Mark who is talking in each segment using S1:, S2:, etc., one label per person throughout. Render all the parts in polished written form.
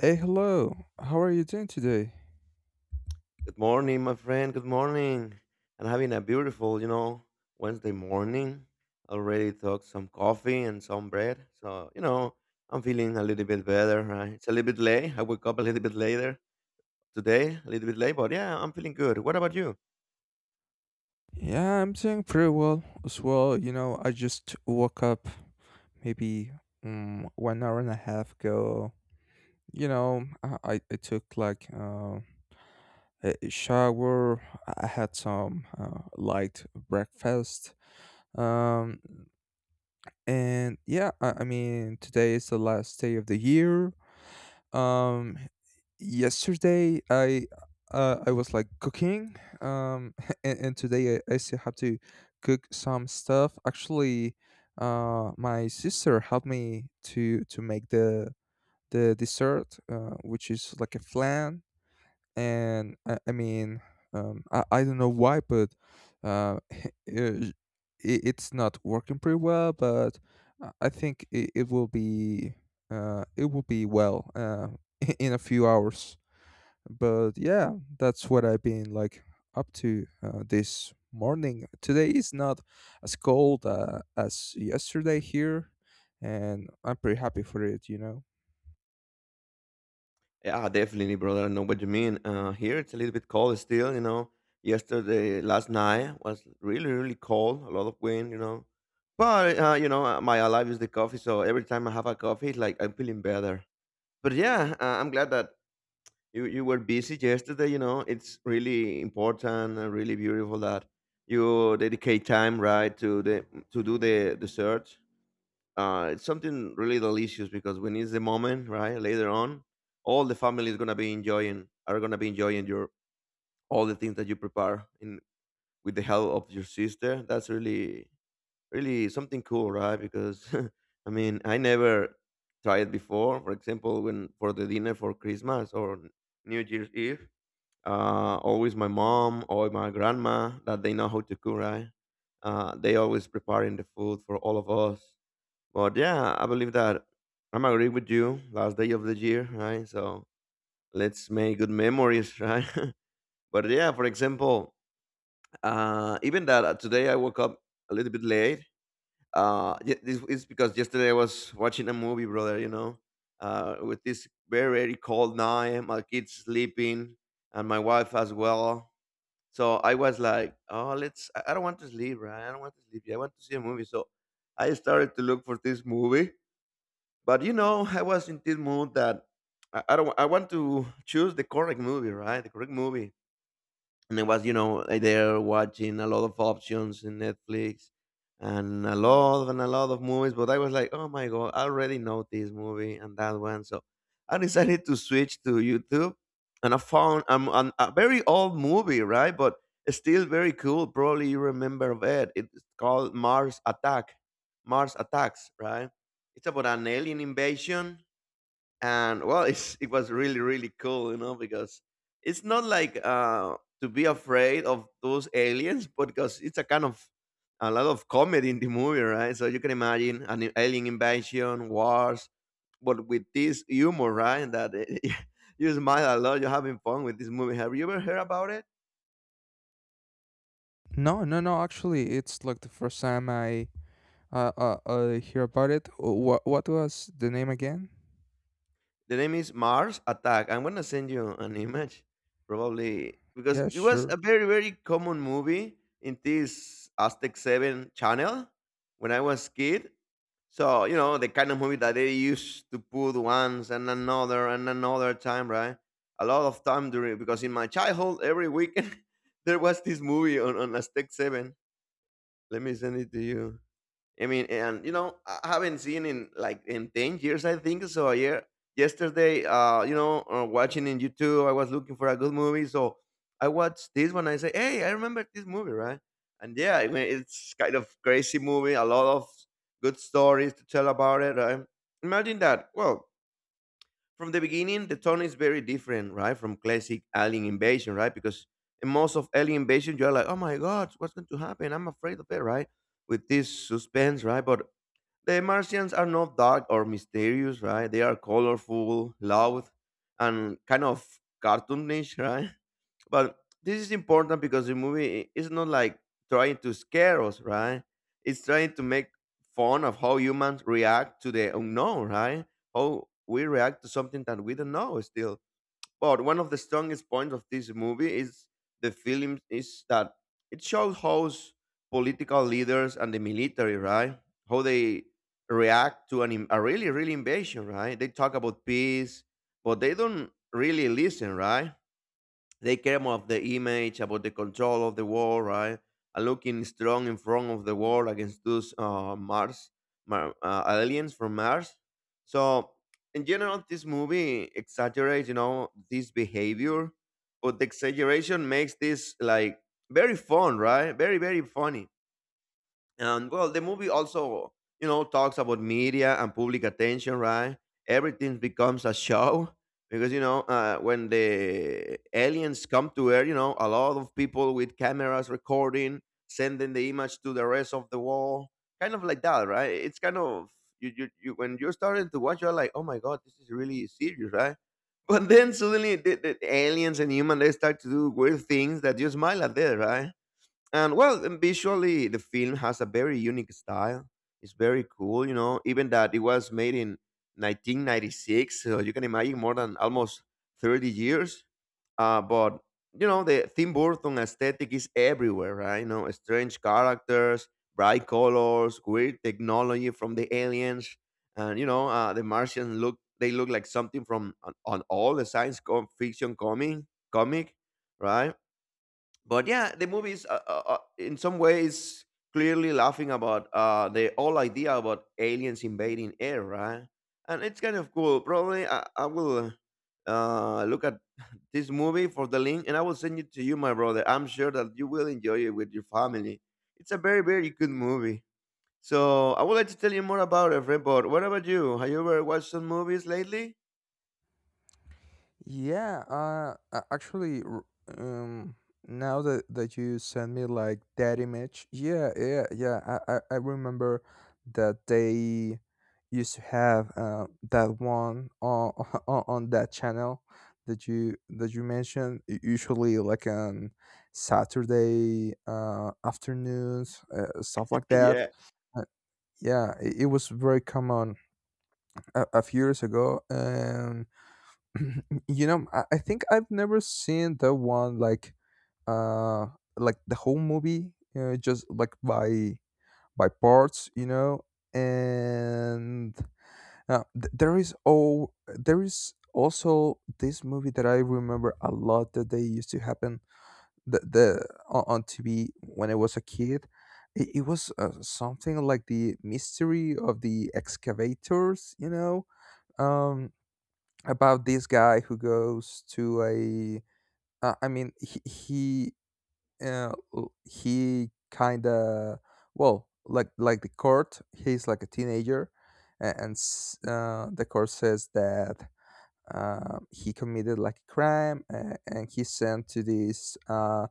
S1: Hey, hello. How are you doing today?
S2: Good morning, my friend. Good morning. I'm having a beautiful, you know, Wednesday morning. Already took some coffee and some bread. So, you know, I'm feeling a little bit better, right? It's a little bit late. I woke up a little bit later today, a little bit late, but yeah, I'm feeling good. What about you?
S1: Yeah, I'm doing pretty well as well. You know, I just woke up maybe 1 hour and a half ago. I took like a shower. I had some light breakfast. Um, And yeah, I mean, today is the last day of the year. Um, Yesterday I was like cooking. And today I still have to cook some stuff. Actually, my sister helped me to make the dessert, which is like a flan, and I don't know why, but uh, uh, it, it's not working pretty well. But I think it will be it will be well in a few hours. But yeah, that's what I've been like up to this morning. Today is not as cold as yesterday here, and I'm pretty happy for it.
S2: Yeah, definitely, brother. I know what you mean. Here it's a little bit cold still, you know. Yesterday, last night was really, really cold, a lot of wind, you know. But you know, my alive is the coffee. So every time I have a coffee, it's like I'm feeling better. But yeah, I'm glad that you were busy yesterday. You know, it's really important and really beautiful that you dedicate time right to the to do the search. It's something really delicious because when it's the moment, right? Later on, all the family is gonna be enjoying are gonna be enjoying your all the things that you prepare in with the help of your sister. That's really really something cool, right? Because I mean, I never tried before. For example, when for the dinner for Christmas or New Year's Eve, always my mom or my grandma that they know how to cook, right? They always preparing the food for all of us. But yeah, I believe that I'm agree with you. Last day of the year, right? So let's make good memories, right? But yeah, for example, even that today I woke up a little bit late. This is because yesterday I was watching a movie, brother, you know. With this very cold night, my kids sleeping and my wife as well, so I was like, oh, let's I don't want to sleep, right? I don't want to sleep, I want to see a movie. So I started to look for this movie, but you know I was in this mood that I don't wa- I want to choose the correct movie, right? The correct movie. And I was, you know, there watching a lot of options in Netflix and a lot of movies. But I was like, oh my god, I already know this movie and that one. So I decided to switch to YouTube, and I found a very old movie, right? But it's still very cool. Probably you remember of it. It's called Mars Attack. Mars Attacks, right? It's about an alien invasion, and well, it was really really cool, you know, because it's not like to be afraid of those aliens, but because it's a kind of a lot of comedy in the movie, right? So you can imagine an alien invasion wars but with this humor, right, that you smile a lot, you're having fun with this movie. Have you ever heard about it?
S1: No, no, no. Actually, it's like the first time I hear about it. What was the name again?
S2: The name is Mars Attack. I'm gonna send you an image, probably because
S1: Yeah,
S2: it was a
S1: sure.
S2: very common movie in this Aztec Seven channel when I was kid. So you know the kind of movie that they used to put once and another time, right? A lot of time during, because in my childhood every weekend there was this movie on Aztec Seven. Let me send it to you. I mean, and you know, I haven't seen in like in 10 years, I think. So yeah, yesterday, you know, watching in YouTube, I was looking for a good movie, so I watched this one. I say, hey, I remember this movie, right? And yeah, I mean, it's kind of crazy movie. A lot of good stories to tell about it, right? Imagine that. Well, from the beginning, the tone is very different, right, from classic Alien Invasion, right? Because in most of Alien Invasion, you're like, oh my god, what's going to happen? I'm afraid of it, right? With this suspense, right? But the Martians are not dark or mysterious, right? They are colorful, loud, and kind of cartoonish, right? But this is important because the movie is not like trying to scare us, right? It's trying to make fun of how humans react to the unknown, right? How we react to something that we don't know still. But one of the strongest points of this movie is the film is that it shows how political leaders and the military, right? How they react to a really, really invasion, right? They talk about peace, but they don't really listen, right? They care about the image, about the control of the world, right? And looking strong in front of the world against those Mars aliens from Mars. So, in general, this movie exaggerates, you know, this behavior, but the exaggeration makes this like very fun, right? Very, very funny. And well, the movie also, you know, talks about media and public attention, right? Everything becomes a show. Because you know, when the aliens come to Earth, you know, a lot of people with cameras recording, sending the image to the rest of the world, kind of like that, right? It's kind of you when you're starting to watch, you're like, oh my god, this is really serious, right? But then suddenly the aliens and human they start to do weird things that you smile at there, right? And well, and visually, the film has a very unique style. It's very cool, you know, even that it was made in 1996. So you can imagine more than almost 30 years. But you know, the Tim Burton aesthetic is everywhere, right? You know, strange characters, bright colors, weird technology from the aliens. And, you know, the Martians look, they look like something from on all the science fiction comic, right? But yeah, the movie is in some ways clearly laughing about the whole idea about aliens invading air, right? And it's kind of cool. Probably I will look at this movie for the link, and I will send it to you, my brother. I'm sure that you will enjoy it with your family. It's a very good movie. So I would like to tell you more about it, friend. But what about you? Have you ever watched some movies lately?
S1: Yeah, um, now that you sent me like that image, yeah, yeah, yeah, I remember that they used to have that one on, on that channel that you mentioned usually like on Saturday afternoons, stuff like that.
S2: Yeah.
S1: Yeah, it was very common a few years ago, and you know, I think I've never seen the one uh like the whole movie, just like by parts, you know. And there is all there is also this movie that I remember a lot that they used to happen the on TV when I was a kid. It was something like The Mystery of the Excavators, you know, um, about this guy who goes to a— I mean, he kind of— well, like the court. He's like a teenager, and, s the court says that he committed like a crime, and he's sent to this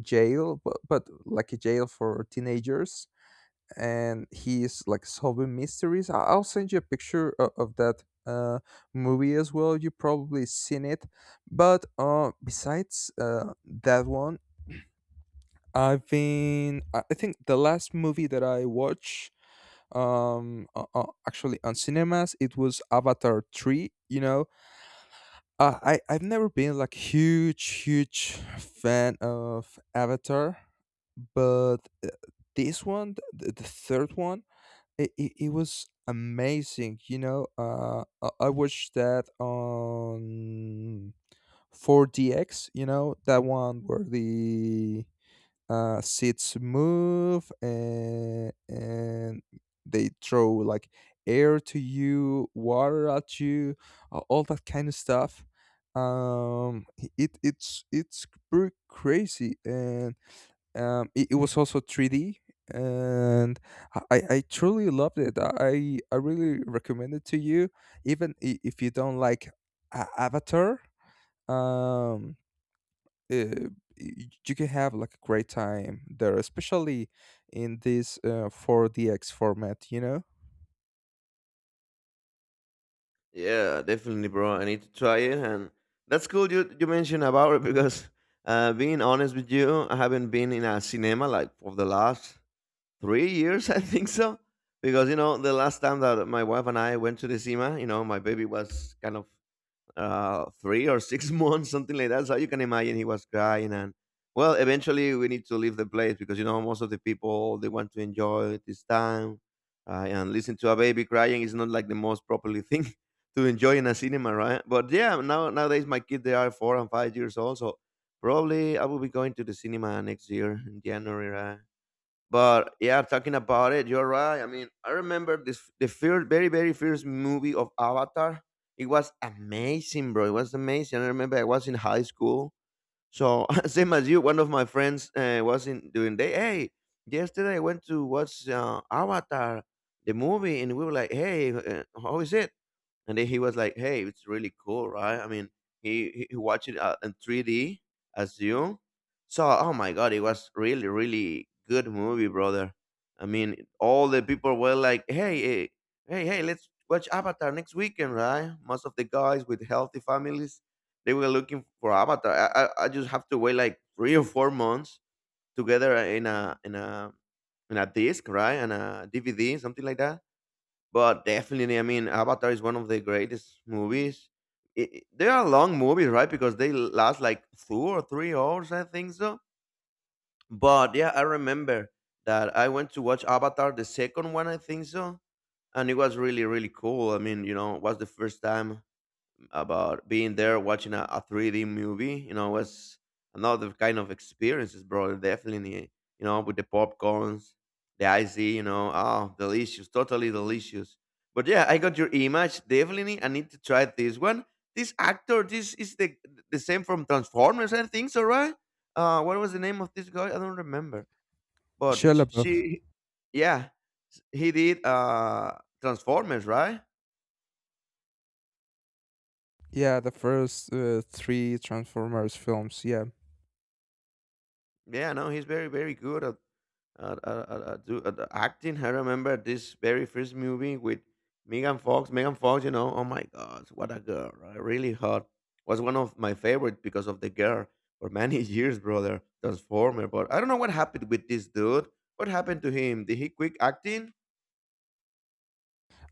S1: jail, but like a jail for teenagers, and he's like solving mysteries. I'll send you a picture of that movie as well. You probably seen it. But besides that one, I've been I think the last movie that I watched, actually on cinemas, it was Avatar 3, you know. I've never been like huge huge fan of Avatar, but uh, this one, the third one, it was amazing. You know, I watched that on 4DX. You know, that one where the seats move and they throw like air to you, water at you, all that kind of stuff. It's pretty crazy, and it was also three D, and I truly loved it. I really recommend it to you, even if you don't like Avatar. Um, uh, you can have like a great time there, especially in this 4DX format, you know?
S2: Yeah, definitely, bro. I need to try it, and that's cool. You mentioned about it because, being honest with you, I haven't been in a cinema like for the last 3 years. I think so, because you know the last time that my wife and I went to the cinema, you know, my baby was kind of three or six months, something like that. So you can imagine he was crying. And well, eventually we need to leave the place because you know most of the people they want to enjoy this time. And listen to a baby crying is not like the most properly thing to enjoy in a cinema, right? But yeah, now nowadays my kids they are 4 and 5 years old, so probably I will be going to the cinema next year in January, right? But yeah, talking about it, you're right. I mean, I remember this the first, very, very first movie of Avatar. It was amazing, bro. It was amazing. I remember I was in high school. So same as you, one of my friends was in doing day. Hey, yesterday I went to watch Avatar, the movie, and we were like, "Hey, how is it?" And then he was like, "Hey, it's really cool, right?" I mean, he watched it in 3D as you. So, oh my god, it was really really good movie, brother. I mean, all the people were like, "Hey, hey, hey, let's watch Avatar next weekend, right?" Most of the guys with healthy families, they were looking for Avatar. I just have to wait like 3 or 4 months together in a disc, right, and a DVD, something like that. But definitely, I mean, Avatar is one of the greatest movies. They are long movies, right? Because they last like 2 or 3 hours, I think so. But yeah, I remember that I went to watch Avatar, the second one, I think so, and it was really, really cool. I mean, you know, it was the first time about being there watching a 3D movie. You know, was another kind of experiences, bro. Definitely, you know, with the popcorns, the icy, you know, oh, delicious, totally delicious. But yeah, I got your image. Definitely, I need to try this one. This actor, this is the same from Transformers, I think, so right? What was the name of this guy? I don't remember.
S1: Shia
S2: But sh-
S1: LaBeouf.
S2: she, yeah, s- He did Transformers, right?
S1: Yeah, the first three Transformers films. Yeah,
S2: Yeah, no, he's very, very good at at acting. I remember this very first movie with Megan Fox. Megan Fox, you know, oh my God, what a girl, right? Really hot. Was one of my favorite because of the girl for many years, brother. Transformer, but I don't know what happened with this dude. What happened to him? Did he quit acting?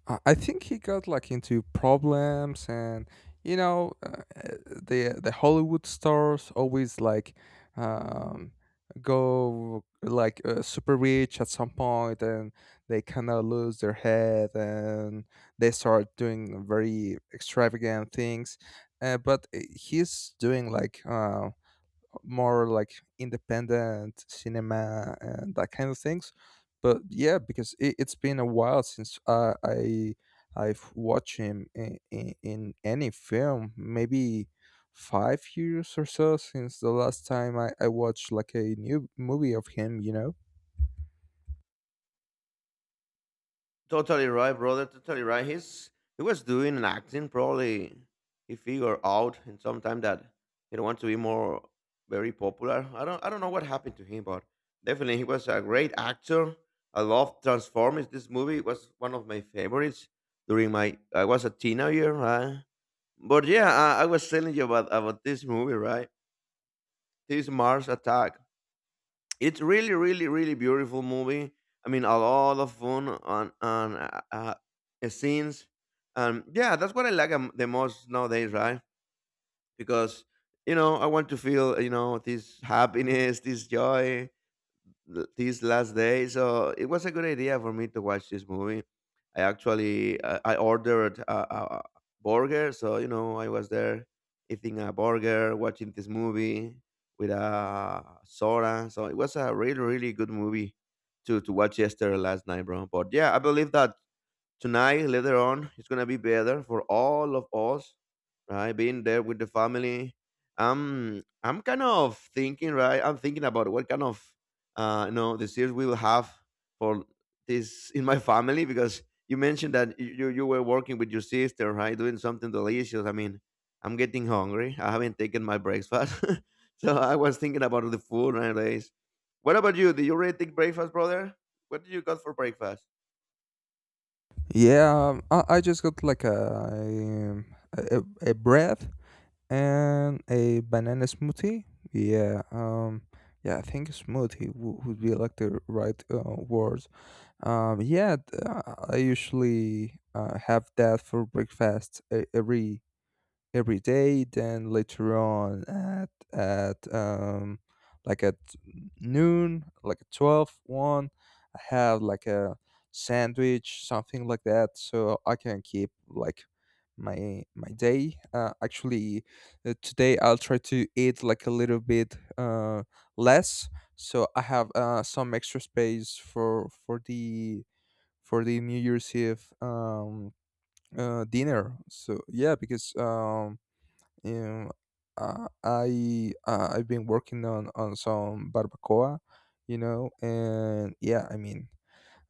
S1: I think he got like into problems, and you know, the Hollywood stars always like um, go like super rich at some point, and they kind of lose their head, and they start doing very extravagant things. But he's doing like more like independent cinema and that kind of things. But yeah, because it's been a while since I've watched him in any film. Maybe 5 years or so since the last time I watched like a new movie of him. You know.
S2: Totally right, brother. Totally right. He was doing an acting. Probably he figured out in some time that he don't want to be more very popular. I don't know what happened to him, but definitely he was a great actor. I love Transformers. This movie was one of my favorites during my I was a teenager. Right? But yeah, I was telling you about this movie, right? This Mars Attack. It's really, really, really beautiful movie. I mean, a lot of fun on scenes. Yeah, that's what I like the most nowadays, right? Because you know, I want to feel you know this happiness, this joy, these last days. So it was a good idea for me to watch this movie. I actually I ordered a burger, so you know I was there eating a burger, watching this movie with a soda. So it was a really really good movie to watch yesterday last night, bro. But yeah, I believe that tonight later on it's gonna be better for all of us, right? Being there with the family, I'm kind of thinking, right? I'm thinking about what kind of you know the series we will have for this in my family because you mentioned that you were working with your sister, right? Doing something delicious. I mean, I'm getting hungry. I haven't taken my breakfast. So I was thinking about the food nowadays. What about you? Did you already take breakfast, brother? What did you got for breakfast?
S1: Yeah, I just got like a a breath and a banana smoothie. Yeah, yeah, I think smoothie would be like the right word. I usually have that for breakfast every day. Then later on at like at noon, like at 12, one, I have like a sandwich, something like that, so I can keep like my day. Actually, today I'll try to eat like a little bit less, so I have some extra space for the for the New Year's Eve dinner. So yeah, because um, I've been working on some barbacoa, you know, and yeah, I mean,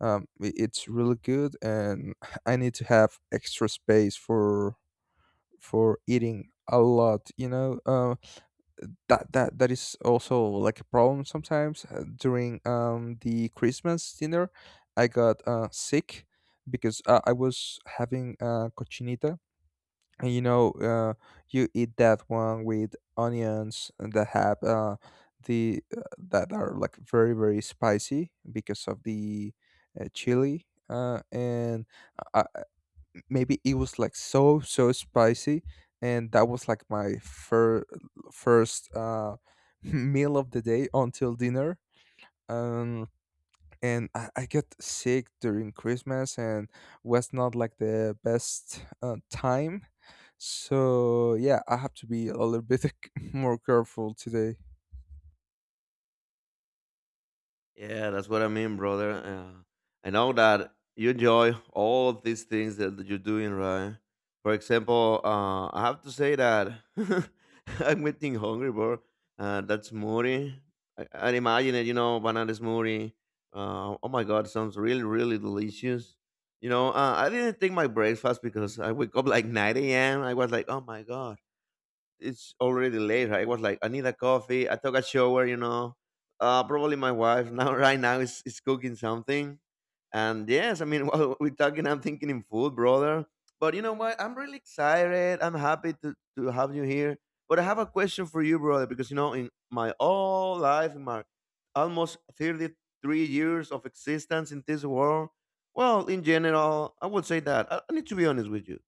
S1: it's really good, and I need to have extra space for eating a lot, you know. That is also like a problem sometimes during the Christmas dinner. I got sick because I was having cochinita, and you know, you eat that one with onions that have the that are like very very spicy because of the chili, and uh, uh, maybe it was like so so spicy, and that was like my first meal of the day until dinner, um and I got sick during Christmas, and was not like the best time. So yeah, I have to be a little bit more careful today.
S2: Yeah, that's what I mean, brother. I know that you enjoy all of these things that you're doing, right? For example, I have to say that I'm getting hungry, bro. That smoothie, I imagine it, you know, banana smoothie. Oh my God, sounds really, really delicious. You know, I didn't take my breakfast because I wake up like 9 a.m. I was like, oh my God, it's already late. I was like, I need a coffee. I took a shower, you know. Probably my wife now right now is cooking something. And yes, I mean while we're talking, I'm thinking in food, brother. But you know what? I'm really excited. I'm happy to have you here. But I have a question for you, brother, because you know, in my whole life, in my almost 33 years of existence in this world, well, in general, I would say that I need to be honest with you.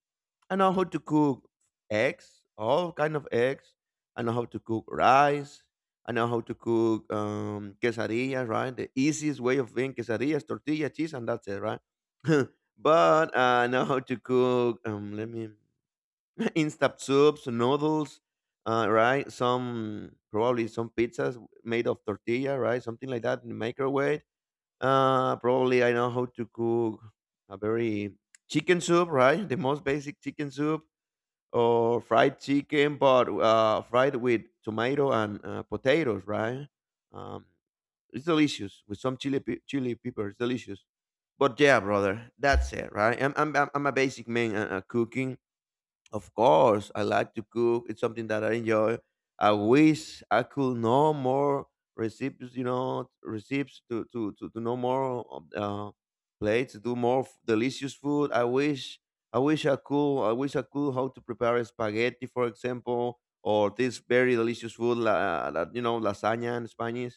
S2: I know how to cook eggs, all kind of eggs. I know how to cook rice. I know how to cook quesadillas, right? The easiest way of doing quesadillas, tortilla, cheese, and that's it, right? But I know how to cook. Let me instant soups, noodles, right? Some probably some pizzas made of tortilla, right? Something like that in the microwave. Probably I know how to cook a very chicken soup, right? The most basic chicken soup or fried chicken, but fried with tomato and potatoes, right? Um, it's delicious with some chili pepper. It's delicious. But yeah, brother, that's it, right? I'm a basic man cooking. Of course, I like to cook. It's something that I enjoy. I wish I could know more recipes, you know, recipes to know more of, plates, do more delicious food. I wish I could. I wish I could how to prepare spaghetti, for example, or this very delicious food, you know, lasagna in Spanish.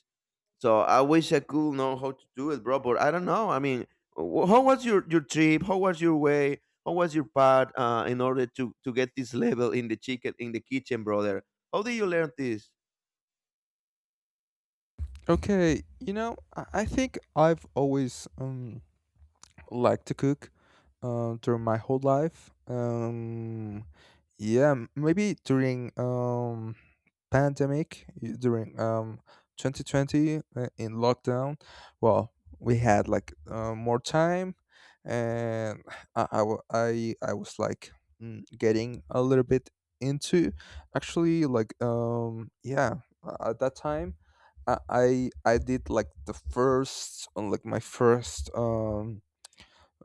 S2: So I wish I could know how to do it, bro. But I don't know. I mean, how was your trip? How was your way? How was your part in order to get this level in the chicken in the kitchen, brother? How did you learn this?
S1: Okay, you know, I think I've always liked to cook during my whole life. Yeah, maybe during pandemic, during 2020, in lockdown, well, we had like more time, and I was like getting a little bit into— actually, like yeah, at that time I I I did like the first on like my first um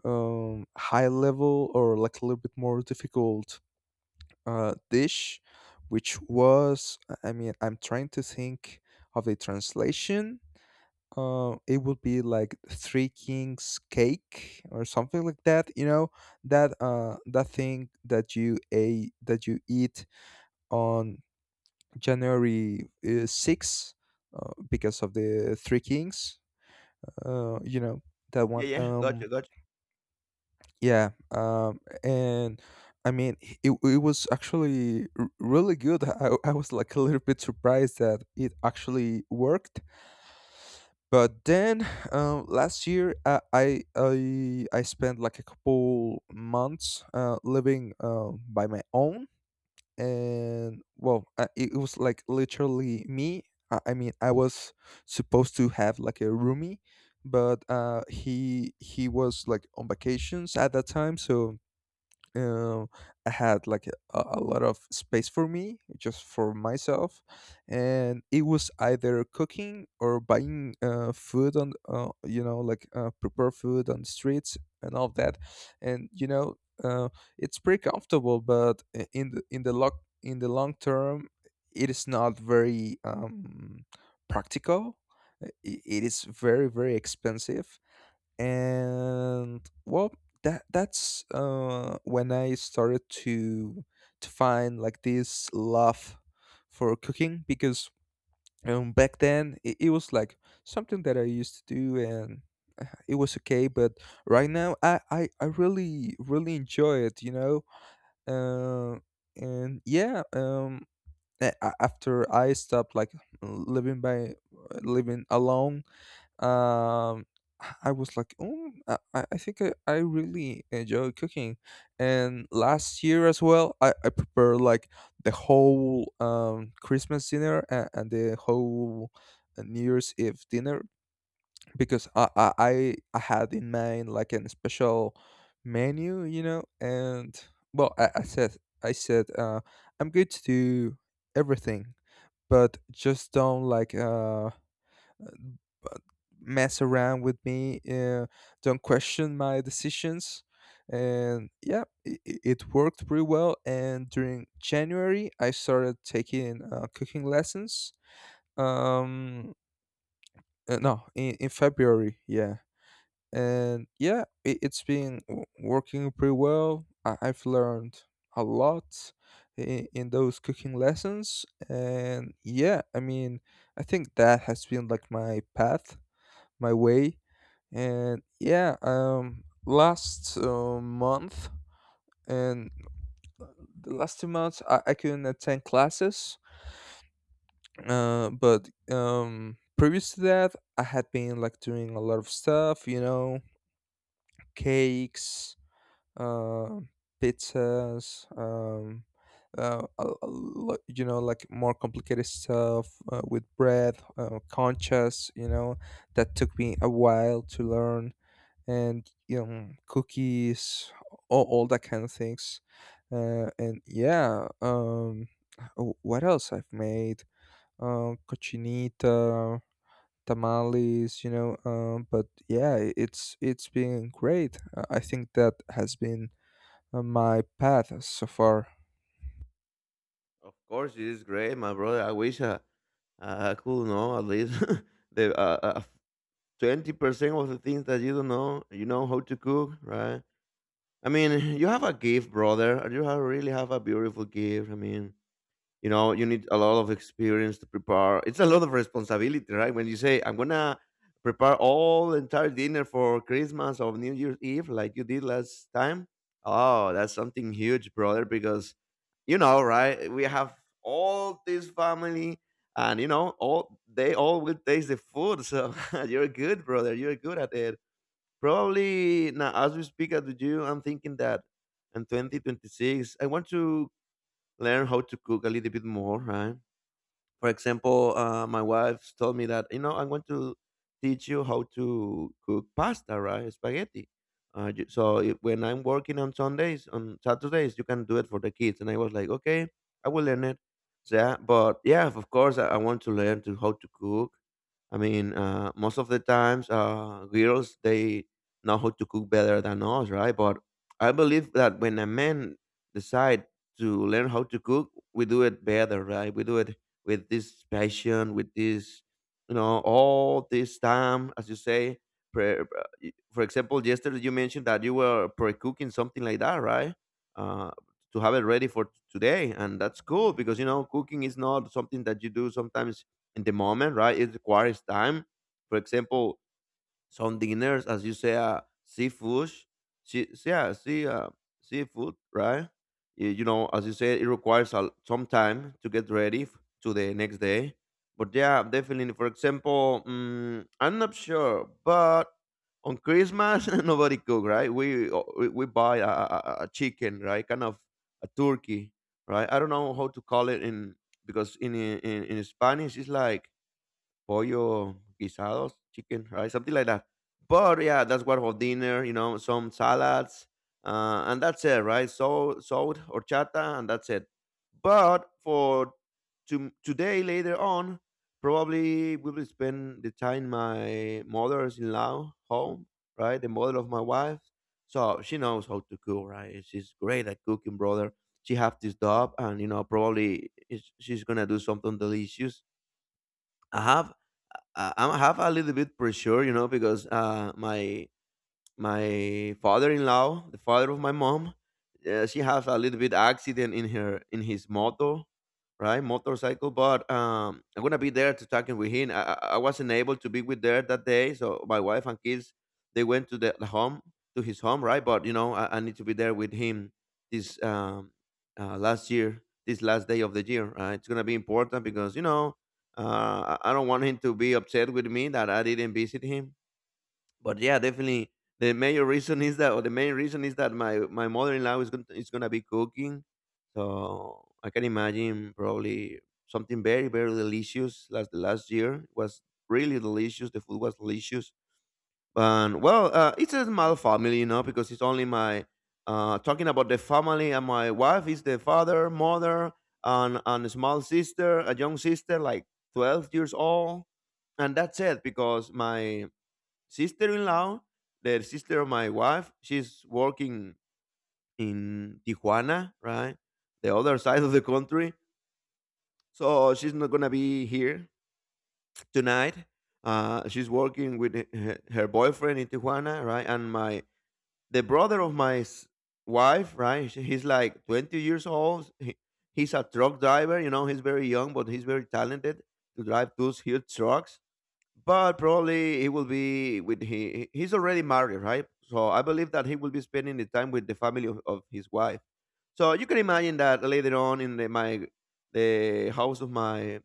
S1: um high level or like a little bit more difficult dish, which was— I mean, I'm trying to think of a translation. It would be like Three Kings cake or something like that. You know, that that thing that you a that you eat on January 6th because of the Three Kings. You know that
S2: Yeah,
S1: one.
S2: yeah, gotcha, gotcha.
S1: Yeah, and I mean, it was actually really good. I was like a little bit surprised that it actually worked. But then last year, I spent like a couple months living by my own, and well, it was like literally me. I mean, I was supposed to have like a roomie, but he was like on vacations at that time, so um, I had like a lot of space for me, just for myself, and it was either cooking or buying food on, you know, like prepare food on the streets and all that, and you know, uh, it's pretty comfortable, but in the long term, it is not very practical. It is very very expensive, and well, that's when I started to find like this love for cooking because back then it was like something that I used to do, and it was okay, but right now I really really enjoy it, you know. Uh, and yeah, after I stopped like living by living alone, um I was like, oh, I really enjoy cooking. And last year as well, I prepared like the whole Christmas dinner, and the whole New Year's Eve dinner because I had in mind like an special menu, you know, and well, I said I said, I'm good to do everything, but just don't like mess around with me, don't question my decisions. And yeah, it worked pretty well. And during January, I started taking cooking lessons. Um, no, in February, yeah. And yeah, it, it's been working pretty well. I've learned a lot in those cooking lessons. And yeah, I mean, I think that has been like my path, my way. And yeah, last month and the last 2 months, I couldn't attend classes. But previous to that, I had been like doing a lot of stuff, you know, cakes, uh, pizzas, you know, like more complicated stuff with bread, conchas, you know, that took me a while to learn, and you know, cookies, all that kind of things. And yeah, oh, what else I've made? Cochinita, tamales, you know. But yeah, it's been great. I think that has been my path so far.
S2: Of course, it is great, my brother. I wish I could know at least the 20% of the things that you don't know. You know how to cook, right? I mean, you have a gift, brother. You have, really have a beautiful gift. I mean, you know, you need a lot of experience to prepare. It's a lot of responsibility, right? When you say, I'm going to prepare all entire dinner for Christmas or New Year's Eve like you did last time. Oh, that's something huge, brother, because you know, right? We have all this family, and you know, all they all will taste the food. So you're good, brother. You're good at it. Probably now, as we speak at you, I'm thinking that in 2026, I want to learn how to cook a little bit more, right? For example, my wife told me that, you know, I'm going to teach you how to cook pasta, right? Spaghetti. So it, when I'm working on Sundays, on Saturdays, you can do it for the kids. And I was like, okay, I will learn it. So, yeah, but yeah, of course, I want to learn to how to cook. I mean, most of the times, girls they know how to cook better than us, right? But I believe that when a man decide to learn how to cook, we do it better, right? We do it with this passion, with this, you know, all this time, as you say. Pre- For example, yesterday you mentioned that you were pre-cooking something like that, right? Uh, to have it ready for today, and that's cool because you know cooking is not something that you do sometimes in the moment, right? It requires time. For example, some dinners, as you say, seafood, see, yeah, sea, uh, seafood, right? You know, as you said, it requires a, some time to get ready to the next day. But yeah, definitely. For example, mm, I'm not sure, but on Christmas nobody cook, right? We buy a chicken, right? Kind of a turkey, right? I don't know how to call it in because in in Spanish it's like pollo guisados, chicken, right? Something like that. But yeah, that's what for dinner, you know, some salads, and that's it, right? So salt, horchata, and that's it. But for to, today later on, probably we will spend the time my mother's in law home, right? The mother of my wife. So she knows how to cook, right? She's great at cooking, brother. She have this job, and you know, she's gonna do something delicious. I have I have a little bit pressure, you know, because my my father-in-law, the father of my mom, she has a little bit accident in her in his motor, right? Motorcycle, but I'm gonna be there to talking with him. I wasn't able to be with there that day, so my wife and kids they went to the home to his home, right? But you know, I need to be there with him this um this last day of the year. Right? It's gonna be important because you know. I don't want him to be upset with me that I didn't visit him but yeah, definitely the major reason is that, or the main reason is that my mother in law is is gonna be cooking, so I can imagine probably something very very delicious. Last The last year it was really delicious. The food was delicious, and well, it's a small family, you know, because it's only my talking about the family and my wife is the father, mother, and a small sister, a young sister like 12 years old, and that's it because my sister-in-law, the sister of my wife, she's working in Tijuana, right? The other side of the country. So she's not gonna be here tonight. She's working with her boyfriend in Tijuana, right? And my the brother of wife, right? He's like 20 years old. He's a truck driver, you know. He's very young, but he's very talented to drive those huge trucks. But probably he will be with he's already married, right? So I believe that he will be spending the time with the family of his wife. So you can imagine that later on in the house of my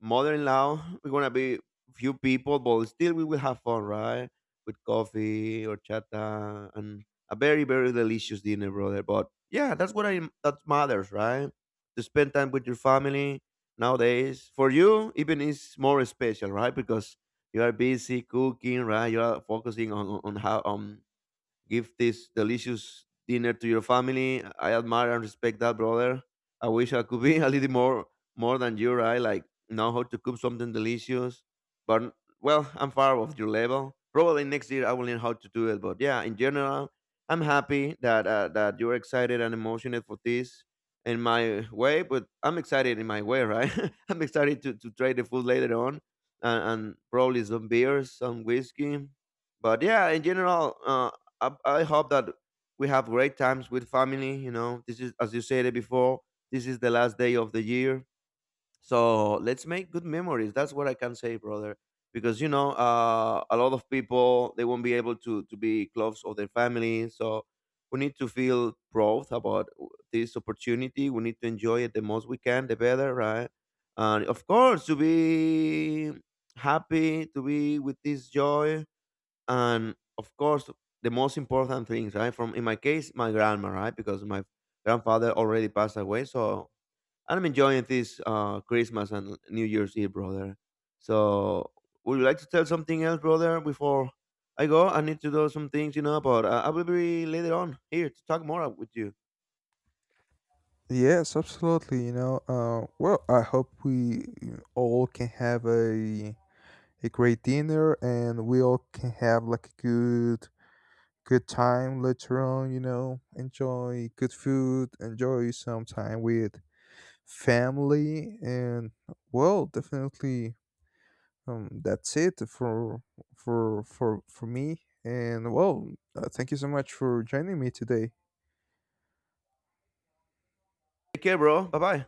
S2: mother-in-law, we're gonna be few people, but still we will have fun, right? With coffee or chata and a very, very delicious dinner, brother. But yeah, that's what I that matters, right? To spend time with your family nowadays. For you, even is more special, right? Because you are busy cooking, right? You are focusing on how on give this delicious dinner to your family. I admire and respect that, brother. I wish I could be a little more more than you, right? Like know how to cook something delicious. But well, I'm far off your level. Probably next year I will learn how to do it. But yeah, in general, I'm happy that that you're excited and emotional for this in my way. But I'm excited in my way, right? I'm excited to try the food later on, and probably some beers, some whiskey. But yeah, in general, I hope that we have great times with family. You know, this is as you said it before. This is the last day of the year, so let's make good memories. That's what I can say, brother. Because you know, a lot of people they won't be able to be close of their family. So we need to feel proud about this opportunity. We need to enjoy it the most we can, the better, right? And of course, to be happy, to be with this joy and of course the most important things, right? From in my case my grandma, right? Because my grandfather already passed away, so I'm enjoying this Christmas and New Year's Eve, brother. So would you like to tell something else, brother, before I go? I need to do some things, you know, but I will be later on here to talk more with you.
S1: Yes, absolutely. You know, well, I hope we all can have a great dinner, and we all can have like a good good time later on, you know, enjoy good food, enjoy some time with family. And well, definitely that's it for for me. And well, thank you so much for joining me today.
S2: Take care, bro. Bye bye.